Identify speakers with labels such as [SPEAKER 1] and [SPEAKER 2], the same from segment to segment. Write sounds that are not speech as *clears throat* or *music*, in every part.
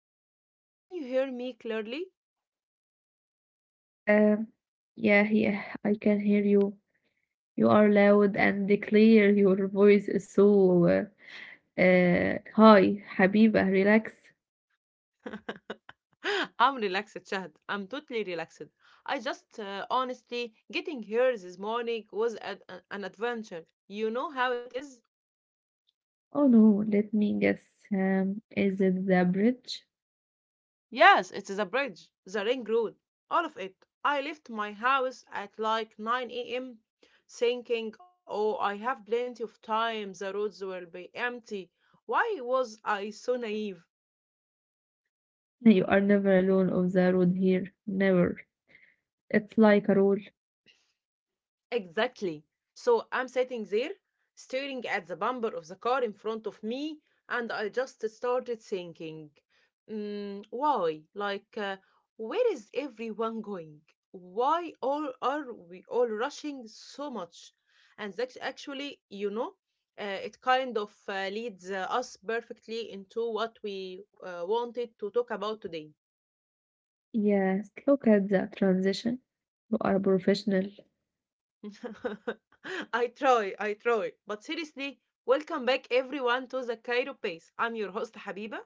[SPEAKER 1] on? Can you hear me clearly?
[SPEAKER 2] Um, yeah, yeah, I can hear you. You are loud and clear. Your voice is so high. Habiba, relax.
[SPEAKER 1] *laughs* I'm relaxed, Shahd. I'm totally relaxed. I just, honestly, getting here this morning was an adventure. You know how it is?
[SPEAKER 2] Oh no, let me guess. Is it the bridge? *laughs*
[SPEAKER 1] Yes, it is a bridge, the ring road, all of it. I left my house at like 9 a.m. thinking, oh, I have plenty of time, the roads will be empty. Why was I so naive?
[SPEAKER 2] You are never alone on the road here. Never. It's like a rule.
[SPEAKER 1] Exactly. So I'm sitting there, staring at the bumper of the car in front of me, and I just started thinking, mm, why? Like, where is everyone going? Why all are we all rushing so much? And that's actually it kind of leads us perfectly into what we wanted to talk about today.
[SPEAKER 2] Yes, look at the transition. You are a professional,
[SPEAKER 1] *laughs* I try. But seriously, welcome back everyone to the Cairo Pace. I'm your host Habiba,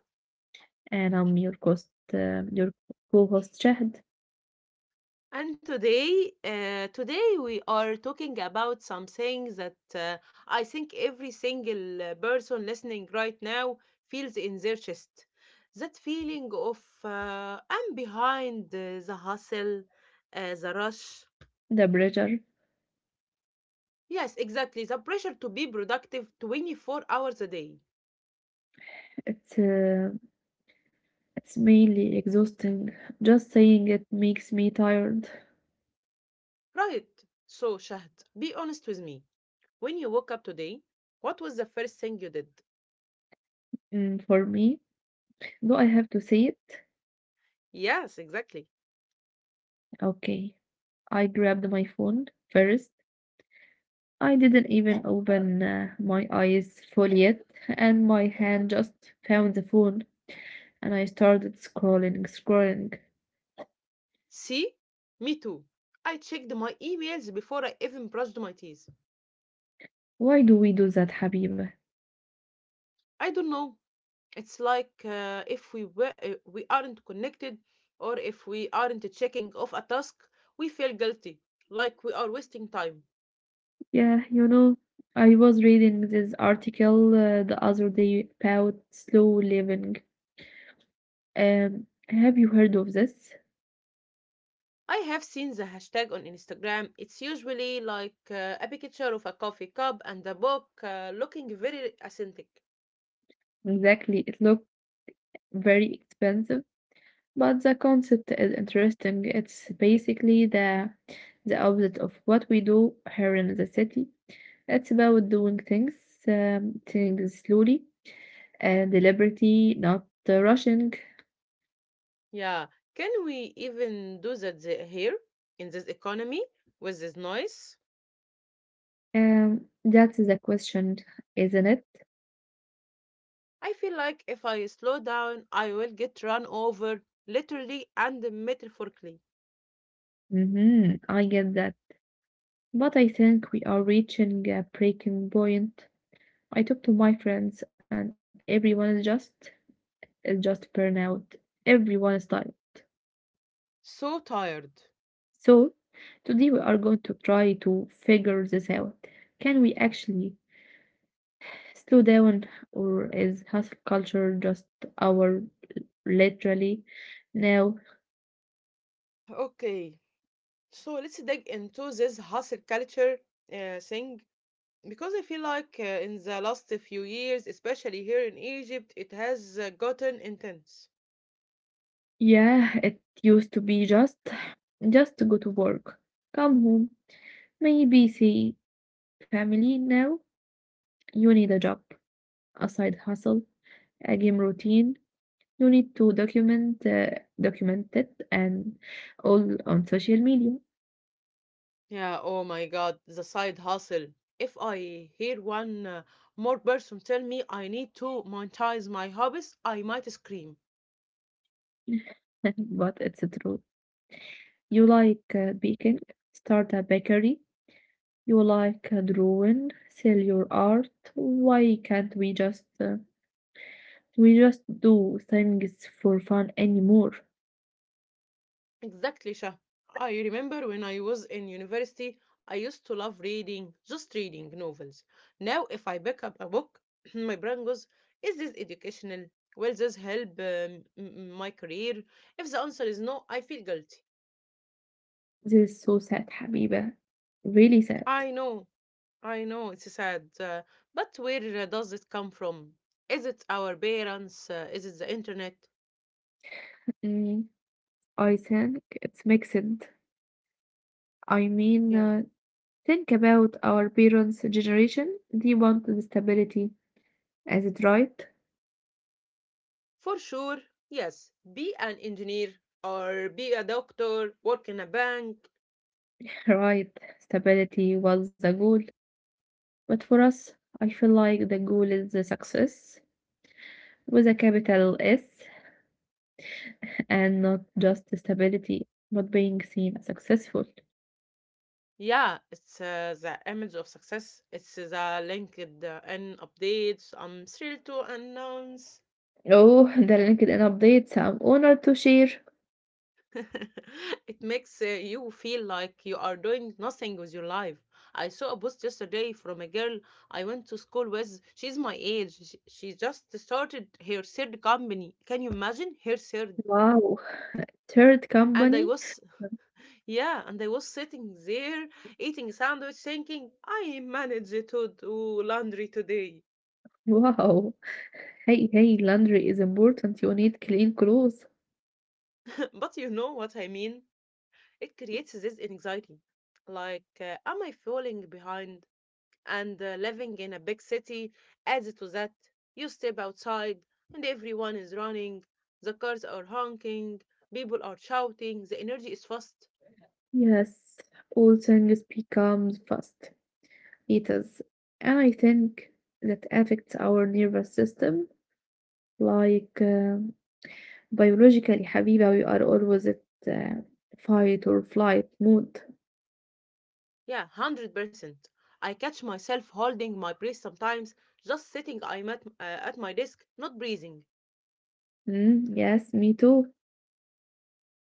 [SPEAKER 2] and I'm your host, your co-host Shahd,
[SPEAKER 1] and today we are talking about something that I think every single person listening right now feels in their chest. That feeling of I'm behind the hustle, the rush.
[SPEAKER 2] the bridger.
[SPEAKER 1] Yes, exactly. The pressure to be productive 24 hours a day.
[SPEAKER 2] It's uh, It's mainly exhausting. Just saying it makes me tired.
[SPEAKER 1] Right. So, Shahd, be honest with me. When you woke up today, what was the first thing you did?
[SPEAKER 2] For me, do I have to say it?
[SPEAKER 1] Yes, exactly.
[SPEAKER 2] Okay. I grabbed my phone first. I didn't even open my eyes fully yet, and my hand just found the phone, and I started scrolling, scrolling.
[SPEAKER 1] See? Me too. I checked my emails before I even brushed my teeth.
[SPEAKER 2] Why do we do that, Habiba?
[SPEAKER 1] I don't know. It's like if we were, we aren't connected, or if we aren't checking off a task, we feel guilty, like we are wasting time.
[SPEAKER 2] Yeah, you know, I was reading this article the other day about slow living. Have you heard of this?
[SPEAKER 1] I have seen the hashtag on Instagram. It's usually like a picture of a coffee cup and a book looking very authentic.
[SPEAKER 2] Exactly. It looks very expensive, but the concept is interesting. It's basically the opposite of what we do here in the city. It's about doing things things slowly and deliberately, not rushing.
[SPEAKER 1] Yeah, can we even do that here in this economy with this noise?
[SPEAKER 2] That's the question, isn't it?
[SPEAKER 1] I feel like if I slow down, I will get run over literally and metaphorically.
[SPEAKER 2] Mm-hmm, I get that. But I think we are reaching a breaking point. I talk to my friends and everyone is just burnout. Everyone is tired.
[SPEAKER 1] So tired.
[SPEAKER 2] So, today we are going to try to figure this out. Can we actually slow down, or is hustle culture just our literally now?
[SPEAKER 1] Okay, so let's dig into this hustle culture thing, because I feel like in the last few years, especially here in Egypt, it has gotten intense.
[SPEAKER 2] Yeah, it used to be just to go to work, come home, maybe see family. Now you need a job, a side hustle, a game routine. You need to document it and all on social media.
[SPEAKER 1] Yeah, oh my God, the side hustle. If I hear one more person tell me I need to monetize my hobbies, I might scream.
[SPEAKER 2] *laughs* But it's true. You like baking, start a bakery. You like drawing, sell your art. Why can't we just do things for fun anymore?
[SPEAKER 1] Exactly, Shah. I remember when I was in university, I used to love reading, just reading novels. Now, if I pick up a book, *clears throat* my brain goes, is this educational? Will this help my career? If the answer is no, I feel guilty.
[SPEAKER 2] This is so sad, Habiba. Really sad.
[SPEAKER 1] I know I know it's sad, but where does it come from? Is it our parents? Is it the internet?
[SPEAKER 2] Mm, I think it's mixed. I mean,
[SPEAKER 1] Yeah.
[SPEAKER 2] uh, think about our parents' generation. They wanted stability. Is it right?
[SPEAKER 1] For sure, yes. Be an engineer or be a doctor, work in a bank.
[SPEAKER 2] *laughs* Right. Stability was the goal. But for us, I feel like the goal is the success with a capital S, and not just stability, but being seen as successful.
[SPEAKER 1] Yeah, it's the image of success. It's the linked in updates. I'm thrilled to announce.
[SPEAKER 2] Oh, the LinkedIn updates. I'm honored to share.
[SPEAKER 1] *laughs* It makes you feel like you are doing nothing with your life. I saw a post yesterday from a girl I went to school with. She's my age. She just started her third company. Can you imagine her third?
[SPEAKER 2] Wow. Third
[SPEAKER 1] And
[SPEAKER 2] company.
[SPEAKER 1] yeah, and I was sitting there eating sandwich thinking, I managed to do laundry today.
[SPEAKER 2] Wow. Hey, hey, laundry is important. You need clean clothes.
[SPEAKER 1] *laughs* But you know what I mean? It creates this anxiety. Like, am I falling behind? And living in a big city adds to that, you step outside and everyone is running, the cars are honking, people are shouting, the energy is fast.
[SPEAKER 2] Yes, all things becomes fast. It is. And I think that affects our nervous system. Like, uh, Biologically, Habiba, we are always at uh, fight or flight mode.
[SPEAKER 1] Yeah, 100%. I catch myself holding my breath sometimes, just sitting at my desk, not breathing.
[SPEAKER 2] Mm, yes, me too.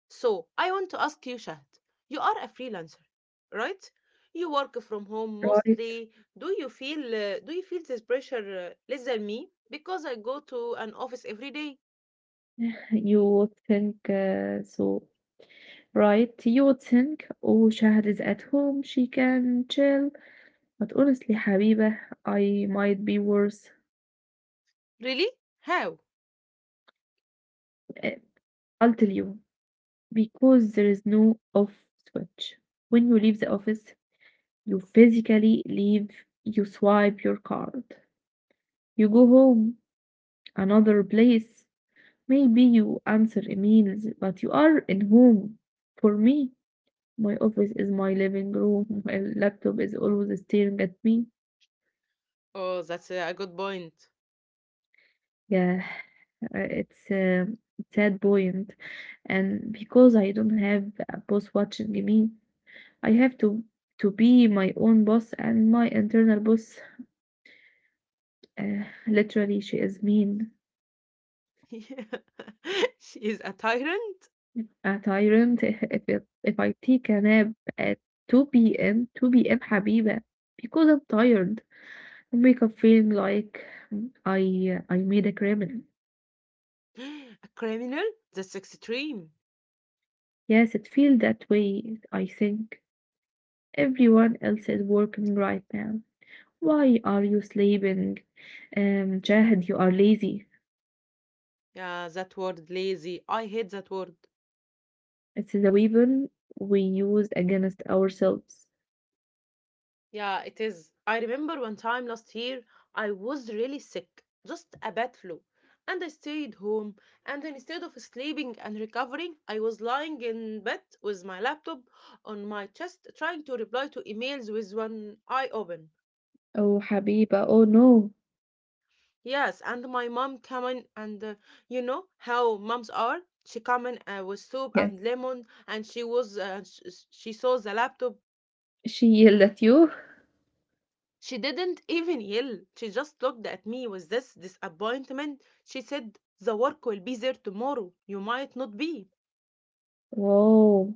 [SPEAKER 1] So, I want to ask you, Shahd, you are a freelancer, right? You work from home
[SPEAKER 2] Right,
[SPEAKER 1] mostly. Do you feel this pressure less than me because I go to an office every day?
[SPEAKER 2] you would think so. Right, you would think, oh, Shahad is at home, she can chill. But honestly, Habiba, I might be worse.
[SPEAKER 1] Really? How?
[SPEAKER 2] Uh, I'll tell you, because there is no off switch. When you leave the office, you physically leave, you swipe your card, you go home, another place. Maybe you answer emails, but you are at home. For me, my office is my living room. My laptop is always staring at me.
[SPEAKER 1] Oh, that's a good point.
[SPEAKER 2] Yeah, it's a sad point. And because I don't have a boss watching me, I have to be my own boss and my internal boss. Literally, she is mean,
[SPEAKER 1] *laughs* She is a tyrant,
[SPEAKER 2] a tyrant. *laughs* If I take a nap at 2 p.m., 2 p.m. حبيبة because I'm tired. Wake up feeling like I made a criminal.
[SPEAKER 1] a criminal. That's extreme.
[SPEAKER 2] Yes, it feels that way. I think everyone else is working right now. Why are you sleeping? Jahad, you are lazy.
[SPEAKER 1] Yeah, that word lazy. I hate that word.
[SPEAKER 2] It's the weapon we use against ourselves.
[SPEAKER 1] Yeah, it is. I remember one time last year, I was really sick, just a bad flu. And I stayed home, and instead of sleeping and recovering, I was lying in bed with my laptop on my chest, trying to reply to emails with one eye open.
[SPEAKER 2] Oh, Habiba, oh no.
[SPEAKER 1] Yes, and my mom come in and you know how moms are. She come in with soup
[SPEAKER 2] Yes,
[SPEAKER 1] and lemon, and she was she saw the laptop.
[SPEAKER 2] she yelled at you.
[SPEAKER 1] She didn't even yell. She just looked at me with this disappointment. She said, "The work will be there tomorrow. You might not be."
[SPEAKER 2] Whoa,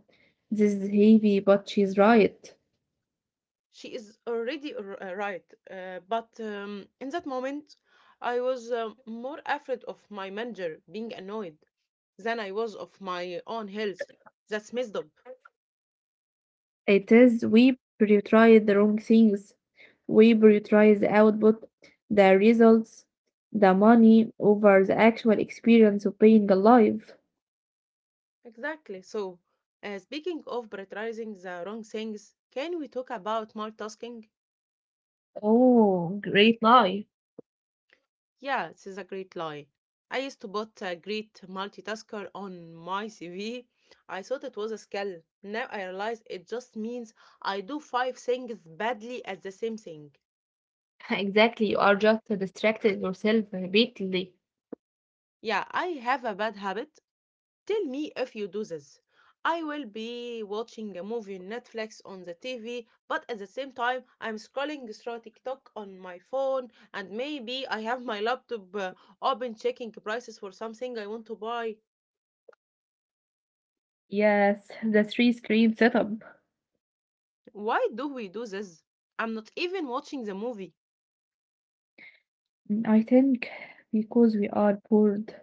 [SPEAKER 2] this is heavy, but she's right.
[SPEAKER 1] She is already right, but in that moment, I was more afraid of my manager being annoyed than I was of my own health. That's messed up.
[SPEAKER 2] It is, we prioritize the wrong things. We prioritize the output, the results, the money over the actual experience of being alive.
[SPEAKER 1] Exactly. So, speaking of prioritizing the wrong things, can we talk about multitasking?
[SPEAKER 2] Oh, great life.
[SPEAKER 1] Yeah, this is a great lie. I used to put a great multitasker on my CV. I thought it was a skill. Now I realize it just means I do five things badly at the same thing.
[SPEAKER 2] *laughs* Exactly. You are just distracted yourself repeatedly.
[SPEAKER 1] Yeah, I have a bad habit. Tell me if you do this. I will be watching a movie on Netflix on the TV, but at the same time, I'm scrolling through TikTok on my phone, and maybe I have my laptop open checking prices for something I want to buy.
[SPEAKER 2] Yes, the three screen setup.
[SPEAKER 1] Why do we do this? I'm not even watching the movie.
[SPEAKER 2] I think because we are bored.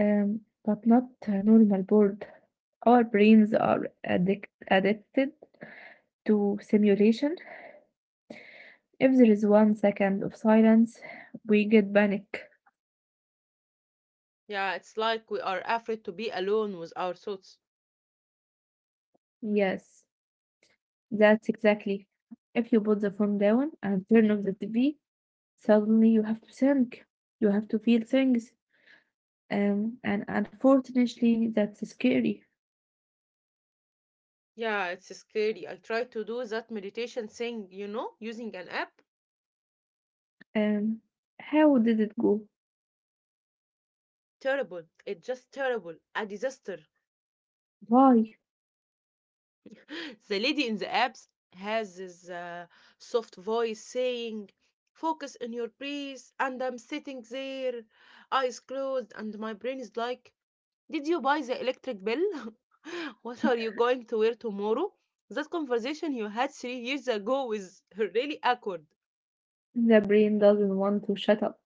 [SPEAKER 2] Um, but not a normal bored. Our brains are addicted to simulation. If there is 1 second of silence, we get panic.
[SPEAKER 1] Yeah, it's like we are afraid to be alone with our thoughts.
[SPEAKER 2] Yes, that's exactly. If you put the phone down and turn off the TV, suddenly you have to think. You have to feel things. And unfortunately, that's scary.
[SPEAKER 1] Yeah, it's scary. I tried to do that meditation thing, you know, using an app.
[SPEAKER 2] Um, how did it go?
[SPEAKER 1] Terrible. It's just terrible. A disaster.
[SPEAKER 2] Why?
[SPEAKER 1] The lady in the apps has this soft voice saying, focus on your breath, and I'm sitting there, eyes closed, and my brain is like, did you buy the electric bill? *laughs* What are you going to wear tomorrow? That conversation you had 3 years ago is *laughs* really awkward.
[SPEAKER 2] The brain doesn't want to shut up.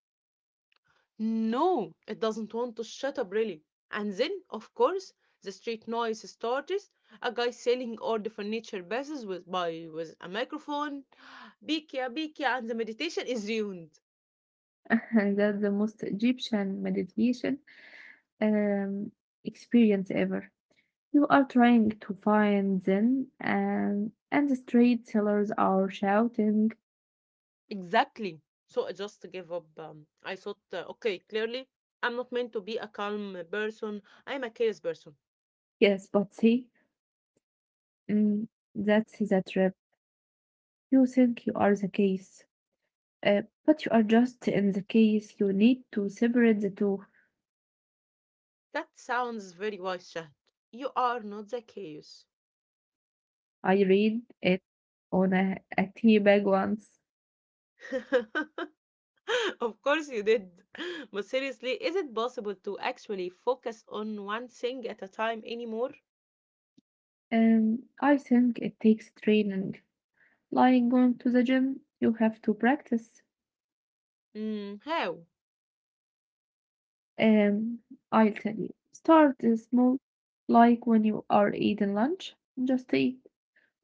[SPEAKER 1] No, it doesn't want to shut up, really. And then, of course, the street noise starts. A guy selling old furniture passes with by with a microphone. *gasps* Bikia, Bikia, and the meditation is ruined.
[SPEAKER 2] *laughs* That's the most Egyptian meditation um, experience ever. You are trying to find Zen, and the street sellers are shouting,
[SPEAKER 1] Exactly. So I just gave up. I thought, okay, clearly, I'm not meant to be a calm person. I'm a chaos person.
[SPEAKER 2] "Yes, but see, mm, that's the trap. You think you are the case, but you are just in the case. You need to separate the two.
[SPEAKER 1] That sounds very wise, Shahd. You are not the chaos.
[SPEAKER 2] I read it on a tea bag once.
[SPEAKER 1] *laughs* *laughs* Of course you did. *laughs* But seriously, is it possible to actually focus on one thing at a time anymore?
[SPEAKER 2] I think it takes training. Like going to the gym, you have to practice.
[SPEAKER 1] Mm, how?
[SPEAKER 2] Um, I'll tell you. Start small, like when you are eating lunch. Just eat.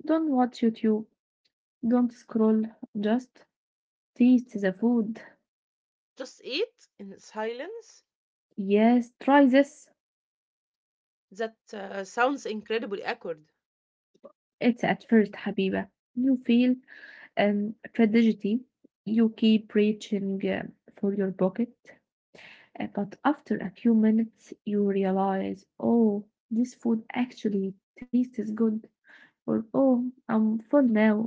[SPEAKER 2] Don't watch YouTube. Don't scroll. Just taste the food.
[SPEAKER 1] Just eat in silence?
[SPEAKER 2] Yes, try this.
[SPEAKER 1] That sounds incredibly awkward.
[SPEAKER 2] It's at first, Habiba. You feel tragedy. You keep reaching for your pocket. But after a few minutes, you realize, oh, this food actually tastes good. Or, oh, I'm full now.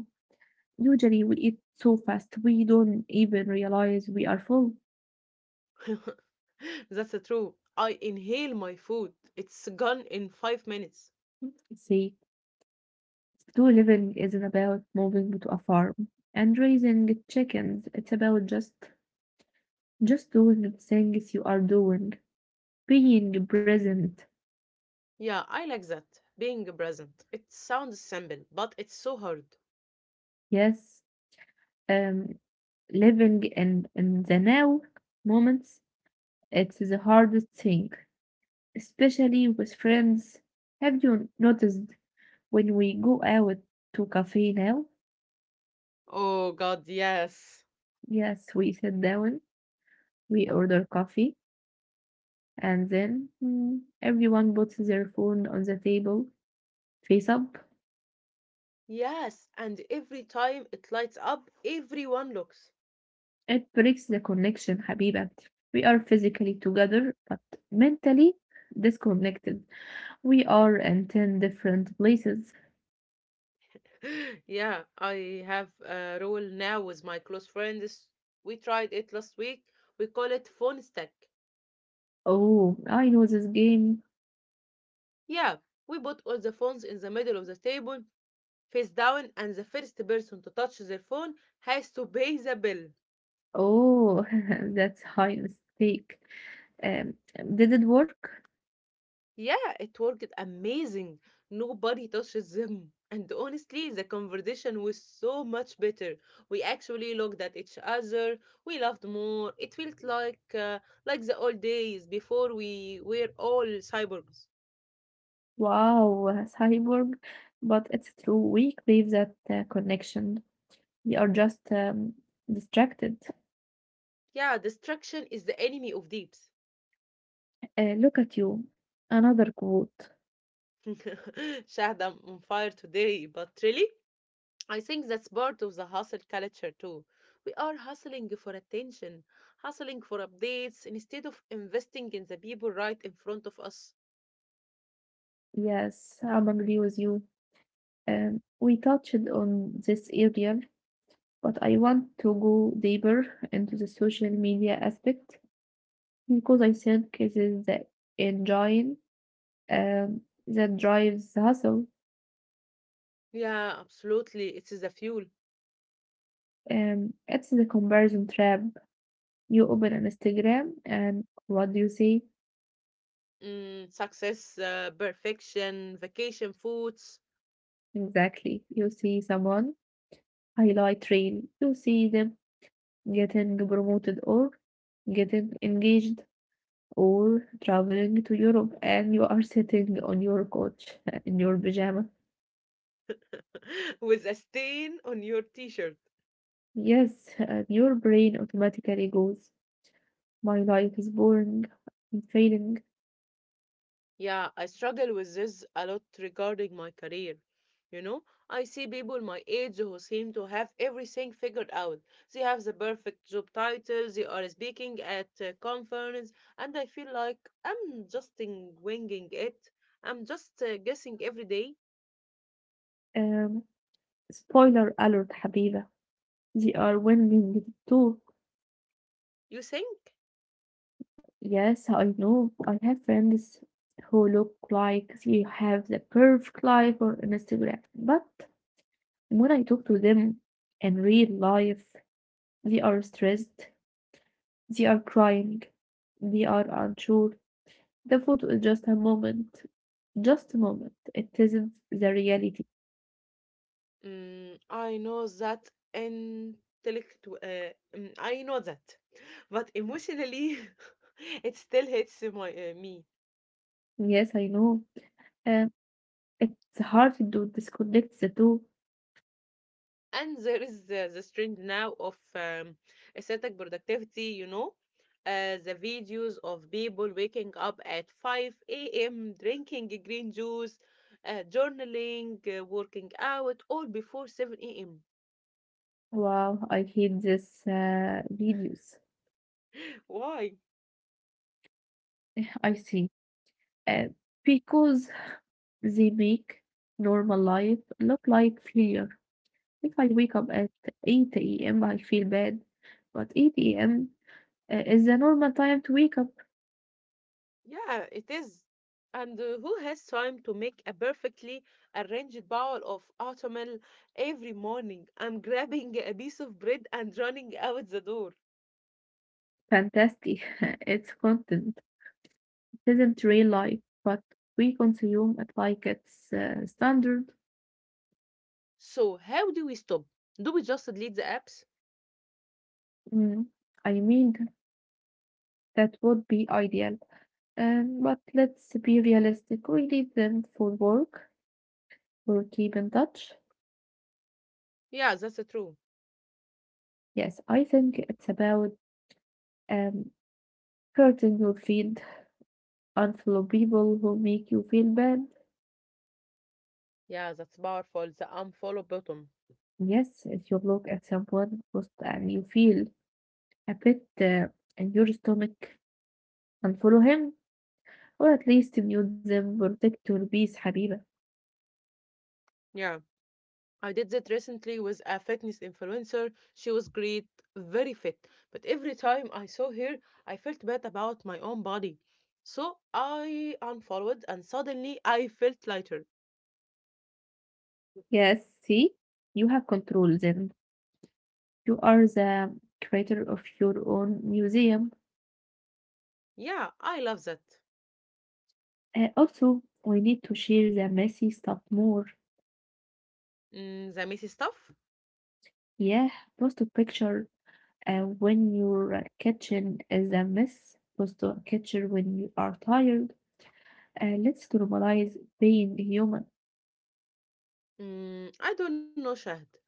[SPEAKER 2] Usually we eat so fast we don't even realize we are full.
[SPEAKER 1] *laughs* That's the true. I inhale my food. It's gone in 5 minutes.
[SPEAKER 2] See, slow living isn't about moving to a farm and raising chickens. It's about just doing the things you are doing, being present.
[SPEAKER 1] Yeah, I like that. Being present. It sounds simple, but it's so hard.
[SPEAKER 2] Yes, um, living in the now moments. It's the hardest thing, especially with friends. Have you noticed when we go out to cafe now?
[SPEAKER 1] Oh God, yes.
[SPEAKER 2] Yes, we sit down. We order coffee, and then everyone puts their phone on the table face up.
[SPEAKER 1] Yes, and every time it lights up, everyone looks.
[SPEAKER 2] It breaks the connection, Habiba. We are physically together but mentally disconnected. We are in 10 different places.
[SPEAKER 1] *laughs* Yeah, I have a roll now with my close friends. We tried it last week. We call it phone stack.
[SPEAKER 2] Oh, I know this game.
[SPEAKER 1] Yeah, we put all the phones in the middle of the table, face down, and the first person to touch their phone has to pay the bill.
[SPEAKER 2] Oh, *laughs* that's high mistake. Um, did it work?
[SPEAKER 1] Yeah, it worked amazing. Nobody touches them. *laughs* And honestly, the conversation was so much better. We actually looked at each other. We laughed more. It felt like the old days before we were all cyborgs.
[SPEAKER 2] Wow, cyborg. But it's true. We crave that connection. We are just distracted.
[SPEAKER 1] Yeah, distraction is the enemy of deeps.
[SPEAKER 2] Look at you. Another quote.
[SPEAKER 1] *laughs* Shahda, I'm on fire today, but really, I think that's part of the hustle culture too. We are hustling for attention, hustling for updates instead of investing in the people right in front of us.
[SPEAKER 2] Yes, I'm agree with you. We touched on this area, but I want to go deeper into the social media aspect because I think this is the engine that drives the hustle.
[SPEAKER 1] Yeah, absolutely. It is the fuel.
[SPEAKER 2] It's the comparison trap. You open an Instagram, and what do you see?
[SPEAKER 1] Mm, success, perfection, vacation foods.
[SPEAKER 2] Exactly. You see someone highlight reel. You see them getting promoted, or getting engaged, or traveling to Europe, and you are sitting on your couch in your pajama.
[SPEAKER 1] *laughs* With a stain on your t shirt.
[SPEAKER 2] Yes, and your brain automatically goes, my life is boring, I'm failing.
[SPEAKER 1] Yeah, I struggle with this a lot regarding my career. You know, I see people my age who seem to have everything figured out. They have the perfect job title, they are speaking at a conference, and I feel like I'm just in winging it. I'm just guessing every day.
[SPEAKER 2] Um, spoiler alert, Habiba. They are winning it too.
[SPEAKER 1] You think?
[SPEAKER 2] Yes, I know. I have friends who look like they have the perfect life on Instagram. But when I talk to them in real life, they are stressed. They are crying. They are unsure. The photo is just a moment. Just a moment. It isn't the reality.
[SPEAKER 1] Mm, I know that intellectual. I know that, *laughs* but emotionally, *laughs* it still hits my me.
[SPEAKER 2] Yes, I know. Um, it's hard to disconnect the two.
[SPEAKER 1] And there is the trend now of aesthetic productivity, you know, the videos of people waking up at 5 a.m. drinking green juice, journaling, working out, all before 7 a.m.
[SPEAKER 2] Wow, I hate this videos.
[SPEAKER 1] Why?
[SPEAKER 2] *sighs* *laughs* I see. Uh, because they make normal life look like failure. If I wake up at 8 a.m., I feel bad. But 8 a.m. Is the normal time to wake up.
[SPEAKER 1] Yeah, it is. And who has time to make a perfectly arranged bowl of oatmeal every morning? I'm *laughs* grabbing a piece of bread and running out the door.
[SPEAKER 2] Fantastic. *laughs* It's content. Isn't real life, but we consume it like it's standard.
[SPEAKER 1] So how do we stop? Do we just delete the apps?
[SPEAKER 2] Mm, I mean, that would be ideal. But let's be realistic. We need them for work, for keep in touch.
[SPEAKER 1] Yeah, that's true.
[SPEAKER 2] Yes, I think it's about um, hurting your feed, unfollow people who make you feel bad.
[SPEAKER 1] Yeah, that's powerful. The unfollow button.
[SPEAKER 2] Yes, if you look at someone post and you feel a bit in your stomach, unfollow him, or at least mute them, protect your peace حبيبة.
[SPEAKER 1] Yeah. I did that recently with a fitness influencer. She was great, very fit. But every time I saw her, I felt bad about my own body. So I unfollowed, and suddenly I felt lighter.
[SPEAKER 2] Yes, see, you have control then. You are the creator of your own museum.
[SPEAKER 1] Yeah, I love that.
[SPEAKER 2] Also, we need to share the messy stuff more.
[SPEAKER 1] Mm, the messy stuff?
[SPEAKER 2] Yeah, post a picture. When your kitchen is a mess, post to a kitchen when you are tired. Let's normalize being human.
[SPEAKER 1] Mm, I don't know, Shahd.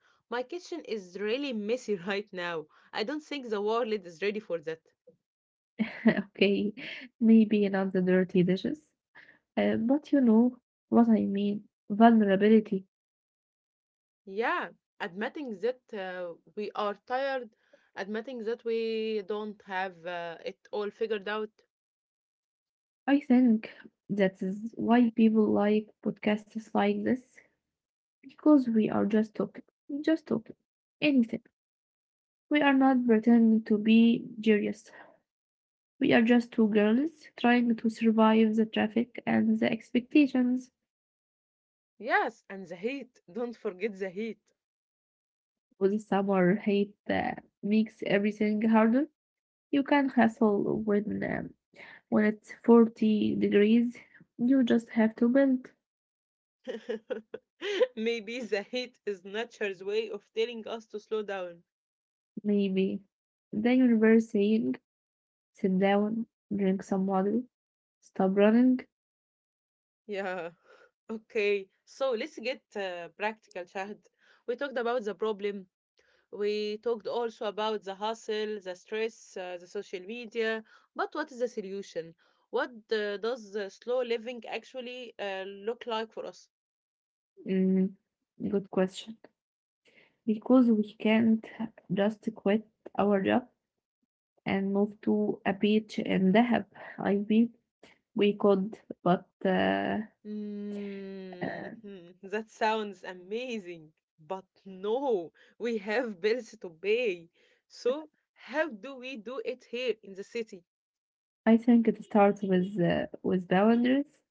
[SPEAKER 1] My kitchen is really messy *laughs* right now. I don't think the world is ready for that.
[SPEAKER 2] *laughs* Okay, maybe not the dirty dishes, but you know what I mean. Vulnerability.
[SPEAKER 1] Yeah, admitting that we are tired, admitting that we don't have it all figured out.
[SPEAKER 2] I think that is why people like podcasts like this because we are just talking, anything. We are not pretending to be serious. We are just two girls trying to survive the traffic and the expectations.
[SPEAKER 1] Yes, and the heat. *laughs* Don't forget the heat.
[SPEAKER 2] With summer hate that makes everything harder. You can hustle when it's 40 degrees. You just have to bend.
[SPEAKER 1] *laughs* Maybe the heat is nature's way of telling us to slow down.
[SPEAKER 2] Maybe the universe saying, sit down, drink some water, stop running.
[SPEAKER 1] Yeah. *laughs* Okay, so let's get practical, Shahd. We talked about the problem. We talked also about the hustle, the stress, the social media. But what is the solution? What does the slow living actually look like for us?
[SPEAKER 2] Mm, good question. Because we can't just quit our job and move to a beach in Dahab. I've been we could, but
[SPEAKER 1] Mm,
[SPEAKER 2] uh,
[SPEAKER 1] *laughs* that sounds amazing, but no, we have bills to pay. So, how do we do it here in the city?
[SPEAKER 2] I think it starts with boundaries.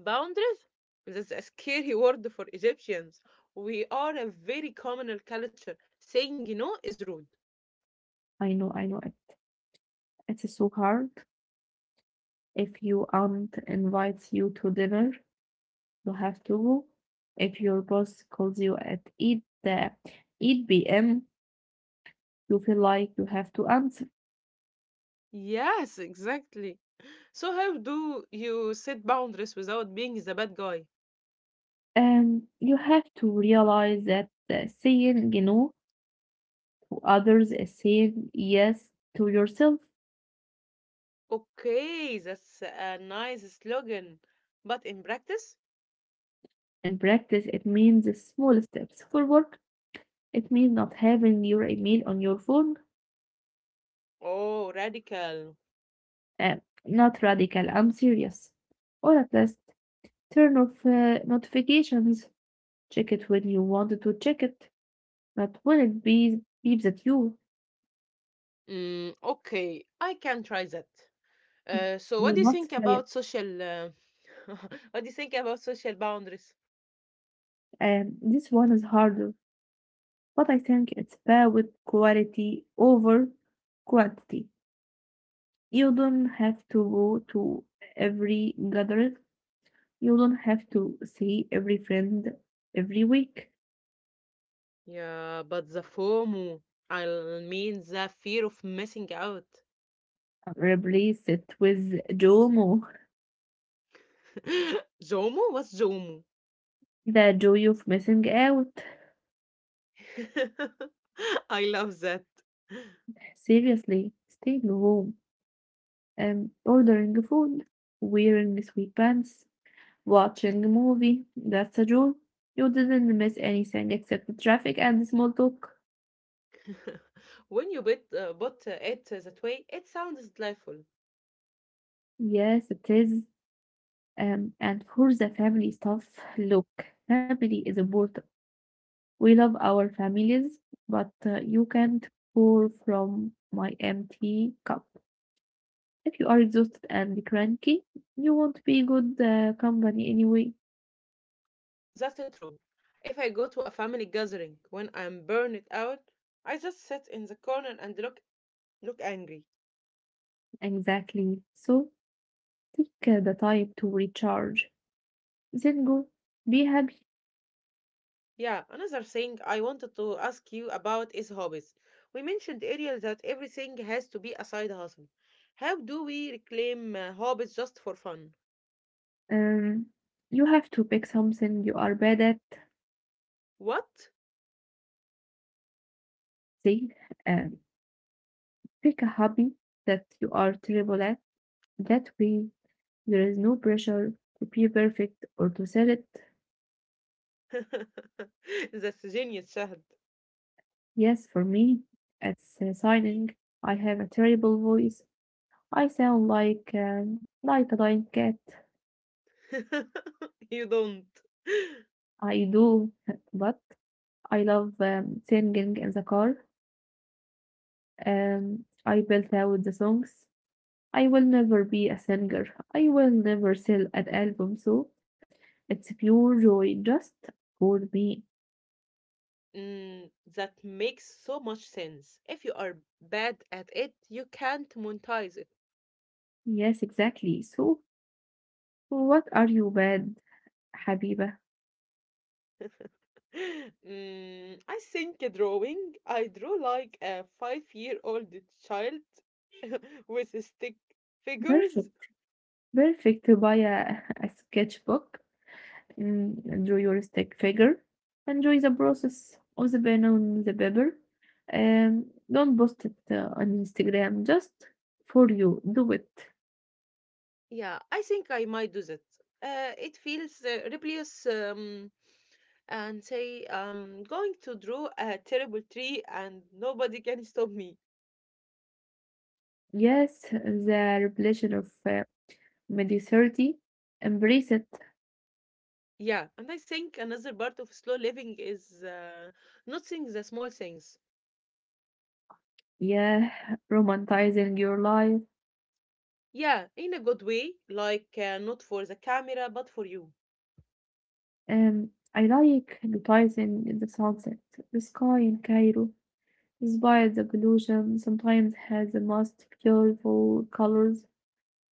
[SPEAKER 1] Boundaries? That's a scary *laughs* word for Egyptians. We are a very communal culture. Saying no is rude.
[SPEAKER 2] I know, it's so hard. If your aunt invites you to dinner, you have to go. If your boss calls you at uh, eight p.m., you feel like you have to answer,
[SPEAKER 1] Yes, exactly. So how do you set boundaries without being the bad guy?
[SPEAKER 2] and you have to realize that saying you know to others is saying yes to yourself.
[SPEAKER 1] Okay, that's a nice slogan, but in practice?
[SPEAKER 2] In practice, it means small steps forward. It means not having your email on your phone.
[SPEAKER 1] Oh, radical.
[SPEAKER 2] Uh, not radical, I'm serious. Or at least turn off notifications. Check it when you wanted to check it, not when beeps at you.
[SPEAKER 1] Mm, okay, I can try that. So what
[SPEAKER 2] You
[SPEAKER 1] do you think
[SPEAKER 2] must try it.
[SPEAKER 1] about social *laughs* what do you think about social boundaries?
[SPEAKER 2] And this one is harder, but I think it's better with quality over quantity. You don't have to go to every gathering. You don't have to see every friend every week.
[SPEAKER 1] Yeah, but the FOMO, I mean the fear of missing out.
[SPEAKER 2] Replace it with JOMO,
[SPEAKER 1] *laughs* Zomo? What's Zomo?
[SPEAKER 2] the joy of missing out.
[SPEAKER 1] *laughs* I love that.
[SPEAKER 2] Seriously, staying home and ordering food, wearing sweet pants, watching a movie. That's a joy. You didn't miss anything except the traffic and the small talk.
[SPEAKER 1] *laughs* When you put it that way, it sounds delightful.
[SPEAKER 2] Yes, it is. And for the family stuff, look, family is important. We love our families, but you can't pour from my empty cup. If you are exhausted and cranky, you won't be good company anyway.
[SPEAKER 1] That's true. If I go to a family gathering when I'm burned out, I just sit in the corner and look angry.
[SPEAKER 2] Exactly. So take the time to recharge. Then go. Be happy.
[SPEAKER 1] Yeah, another thing I wanted to ask you about is hobbies. We mentioned earlier that everything has to be a side hustle. How do we reclaim hobbies just for fun?
[SPEAKER 2] Um, you have to pick something you are bad at.
[SPEAKER 1] What?
[SPEAKER 2] Say, um, pick a hobby that you are terrible at. That way, there is no pressure to be perfect or to sell it.
[SPEAKER 1] *laughs* That's genius, Shahad.
[SPEAKER 2] Yes, for me, it's signing. I have a terrible voice. I sound like like a dying cat.
[SPEAKER 1] *laughs* You don't.
[SPEAKER 2] I do, *laughs* but I love singing in the car. I built out the songs. I will never be a singer. I will never sell an album, so it's pure joy just for me.
[SPEAKER 1] Mm, that makes so much sense. If you are bad at it, you can't monetize it.
[SPEAKER 2] Yes, exactly. So, what are you bad, Habiba?
[SPEAKER 1] *gasps* *laughs* Mm, I think drawing, I draw like a five-year-old child *laughs* with stick figures.
[SPEAKER 2] Perfect, perfect to buy a, *laughs* a sketchbook. Mm, draw your stick figure. Enjoy the process of the banana and the paper. Don't post it on Instagram. Just for you, do it.
[SPEAKER 1] Yeah, I think I might do that. It feels rebellious and say going to draw a terrible tree and nobody can stop me.
[SPEAKER 2] Yes, the revelation of mediocrity. Embrace it.
[SPEAKER 1] Yeah, and I think another part of slow living is noticing the small things.
[SPEAKER 2] Yeah, romanticizing your life.
[SPEAKER 1] Yeah, in a good way, like not for the camera, but for you.
[SPEAKER 2] I like hypnotizing the sunset, the sky in Cairo. Despite the pollution, sometimes has the most beautiful colors,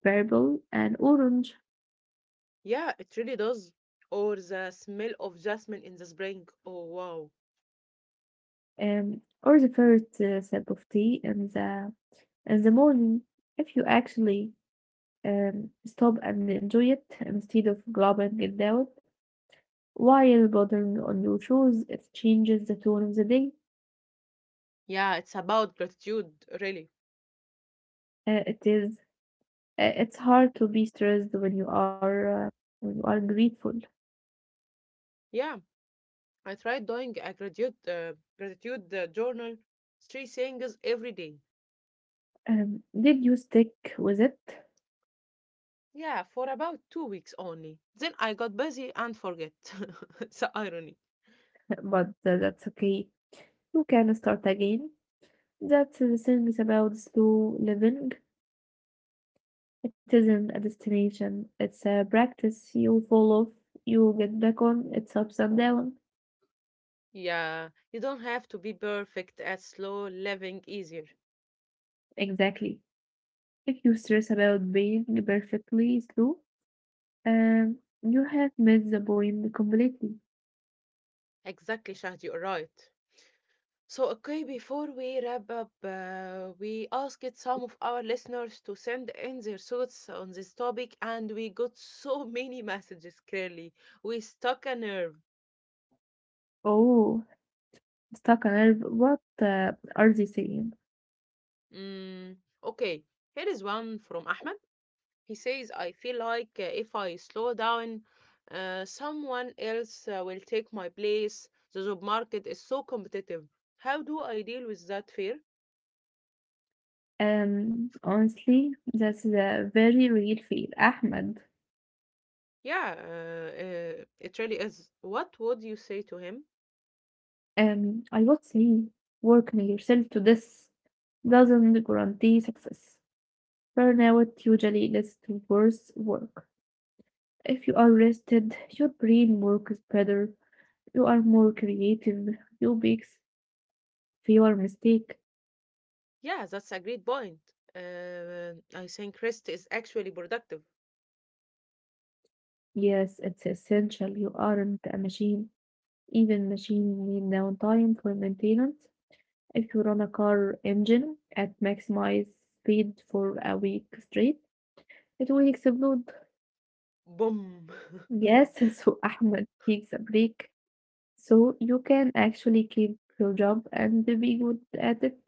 [SPEAKER 2] purple and orange.
[SPEAKER 1] Yeah, it really does. Or the smell of jasmine in the spring. Oh, wow.
[SPEAKER 2] Or the first sip of tea in the morning if you actually stop and enjoy it instead of globbing it down while bothering on your shoes it changes the tone of the day.
[SPEAKER 1] Yeah, it's about gratitude, really.
[SPEAKER 2] It is, it's hard to be stressed when you are grateful.
[SPEAKER 1] Yeah, I tried doing a gratitude journal, three things every day.
[SPEAKER 2] Did you stick with it?
[SPEAKER 1] Yeah, for about 2 weeks only. Then I got busy and forget. *laughs* The irony.
[SPEAKER 2] *laughs* But that's okay, you can start again. That's the things about slow living. It isn't a destination, it's a practice. You fall off, you get back on, it's ups and downs.
[SPEAKER 1] Yeah, you don't have to be perfect at slow living easier.
[SPEAKER 2] Exactly. If you stress about being perfectly slow, you have missed the point completely.
[SPEAKER 1] Exactly, Shahd, you're right. So, okay, before we wrap up, we asked some of our listeners to send in their thoughts on this topic, and we got so many messages clearly. We stuck a nerve.
[SPEAKER 2] Oh, Stuck on Earth, what are they saying?
[SPEAKER 1] Mm, okay, here is one from Ahmed. He says, I feel like if I slow down, someone else will take my place. The job market is so competitive. How do I deal with that fear?
[SPEAKER 2] Honestly, that's a very real fear, Ahmed.
[SPEAKER 1] Yeah, it really is. What would you say to him?
[SPEAKER 2] I would say working yourself to this doesn't guarantee success. Burnout usually leads to worse work. If you are rested, your brain works better, you are more creative, you make. If you are mistake,
[SPEAKER 1] Yeah, that's a great point. I think rest is actually productive.
[SPEAKER 2] yes, it's essential, you aren't a machine. Even machine need downtime for maintenance. If you run a car engine at maximize speed for a week straight, it will explode.
[SPEAKER 1] Boom. *laughs*
[SPEAKER 2] Yes, *laughs* so Ahmed takes a break so you can actually keep your job and be good at it.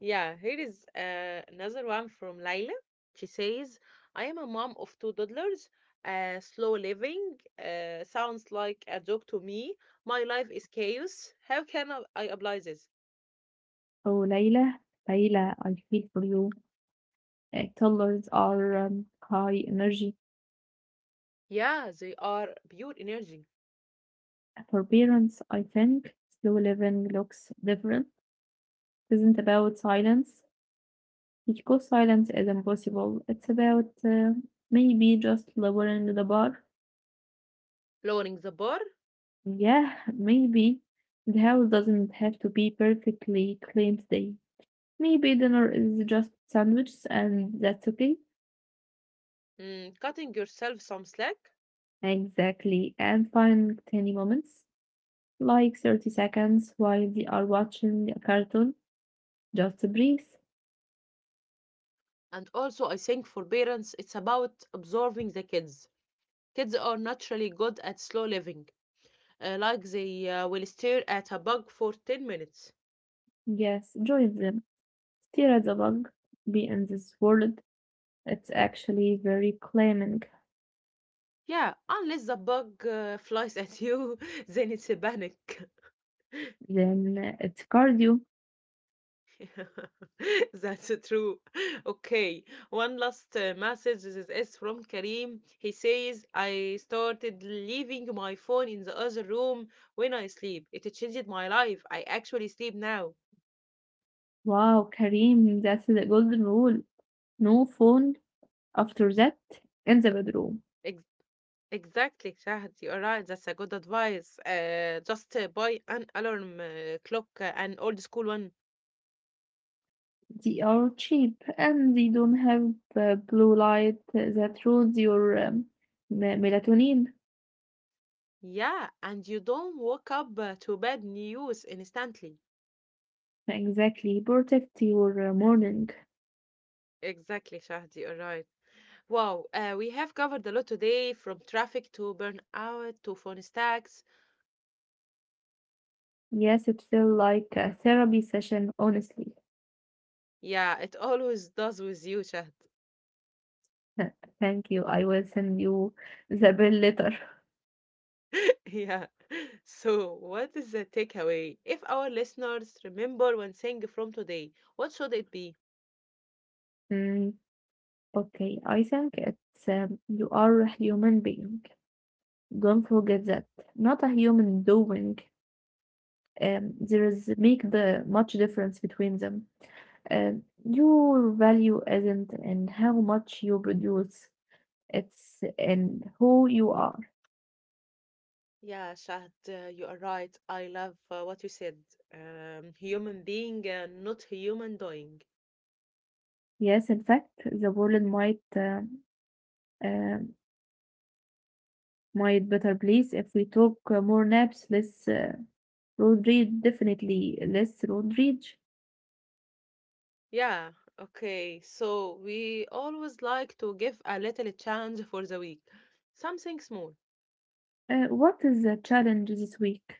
[SPEAKER 1] Yeah, here is another one from Laila. She says, I am a mom of two toddlers. Slow living sounds like a joke to me. My life is chaos. How can I apply this?
[SPEAKER 2] Oh, Layla, Layla, I feel for you. Toddlers are high energy.
[SPEAKER 1] Yeah, they are pure energy.
[SPEAKER 2] For parents, I think slow living looks different. It isn't about silence, because silence is impossible. It's about maybe just lowering the bar.
[SPEAKER 1] Lowering the bar,
[SPEAKER 2] Yeah, *laughs* maybe the house doesn't have to be perfectly clean today. Maybe dinner is just sandwiches, and that's okay.
[SPEAKER 1] mm, cutting yourself some slack.
[SPEAKER 2] Exactly, and find tiny moments like 30 seconds while they are watching a cartoon. Just breathe.
[SPEAKER 1] And also, I think for parents, it's about observing the kids. Kids are naturally good at slow living, like they will stare at a bug for 10 minutes.
[SPEAKER 2] Yes, join them. There is a bug be in this world. It's actually very claiming.
[SPEAKER 1] Yeah, unless the bug flies at you, *laughs* then it's a panic.
[SPEAKER 2] Then it's cardio.
[SPEAKER 1] *laughs* That's true. Okay, one last message. This is from Karim. He says, I started leaving my phone in the other room when I sleep. It changed my life. I actually sleep now.
[SPEAKER 2] Wow, Kareem, that's the golden rule. No phone after that in the bedroom.
[SPEAKER 1] Ex- exactly, Shahad. You're right. That's a good advice. Just buy an alarm clock, an old school one.
[SPEAKER 2] They are cheap and they don't have blue light that ruins your melatonin.
[SPEAKER 1] Yeah, and you don't wake up to bad news instantly.
[SPEAKER 2] Exactly, protect your morning.
[SPEAKER 1] Exactly, Shahdi. All right. Wow, we have covered a lot today, from traffic to burnout to phone stacks.
[SPEAKER 2] Yes, it felt like a therapy session, honestly.
[SPEAKER 1] Yeah, it always does with you, Shahd.
[SPEAKER 2] *laughs* Thank you. I will send you the bill later.
[SPEAKER 1] *laughs* Yeah. So, what is the takeaway? If our listeners remember one thing from today, what should it be?
[SPEAKER 2] *laughs* Okay, I think it's you are a human being. Don't forget that. Not a human doing. There is make the much difference between them. Your value isn't in how much you produce. It's in who you are.
[SPEAKER 1] Yeah, Shahd, you are right. I love what you said. Human being, not human doing.
[SPEAKER 2] Yes, in fact, the world might, um might better place if we took more naps, less road rage, definitely less road rage.
[SPEAKER 1] Yeah, okay. So we always like to give a little challenge for the week, something small.
[SPEAKER 2] What is the challenge this week?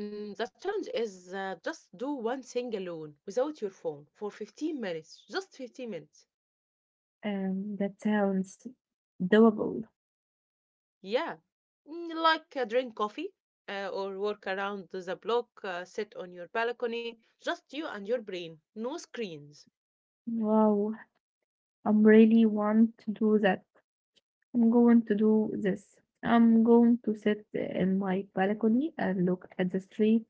[SPEAKER 1] Mm, the challenge is just do one thing alone without your phone for 15 minutes, just 15 minutes.
[SPEAKER 2] That sounds doable.
[SPEAKER 1] Yeah, mm, like drink coffee or walk around the block, sit on your balcony, just you and your brain, no screens.
[SPEAKER 2] Wow, I'm really want to do that. I'm going to do this. I'm going to sit in my balcony and look at the street.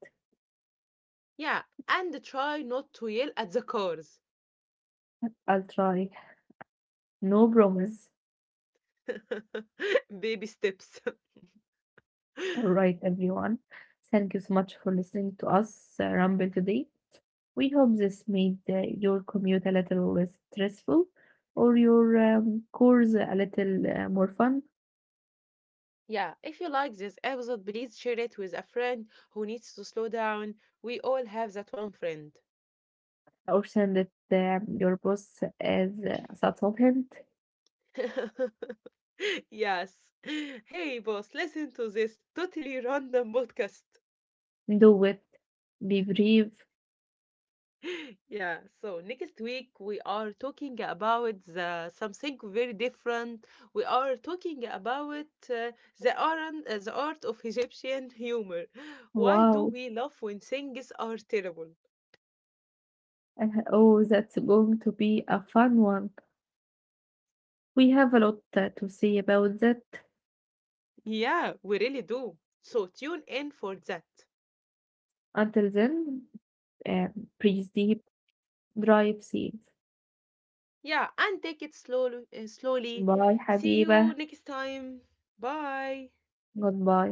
[SPEAKER 1] Yeah, and try not to yell at the cars.
[SPEAKER 2] I'll try. No promise.
[SPEAKER 1] *laughs* Baby steps.
[SPEAKER 2] All
[SPEAKER 1] *laughs*
[SPEAKER 2] right, everyone. Thank you so much for listening to us ramble today. We hope this made your commute a little less stressful or your course a little more fun.
[SPEAKER 1] Yeah, if you like this episode, please share it with a friend who needs to slow down. We all have that one friend.
[SPEAKER 2] Or send it your boss as a subtle, hint.
[SPEAKER 1] *laughs* Yes. Hey, boss, listen to this totally random podcast.
[SPEAKER 2] Do it, be brief.
[SPEAKER 1] *laughs* Yeah, so next week we are talking about something very different. We are talking about the art of Egyptian humor. Why do
[SPEAKER 2] Wow,
[SPEAKER 1] we laugh when things are terrible?
[SPEAKER 2] oh, that's going to be a fun one. We have a lot to say about that.
[SPEAKER 1] Yeah, we really do. So tune in for that.
[SPEAKER 2] Until then, um, breathe deep, drive safe.
[SPEAKER 1] Yeah, and take it slowly, slowly.
[SPEAKER 2] Bye,
[SPEAKER 1] See you
[SPEAKER 2] حبيبة.
[SPEAKER 1] next time. Bye.
[SPEAKER 2] Goodbye.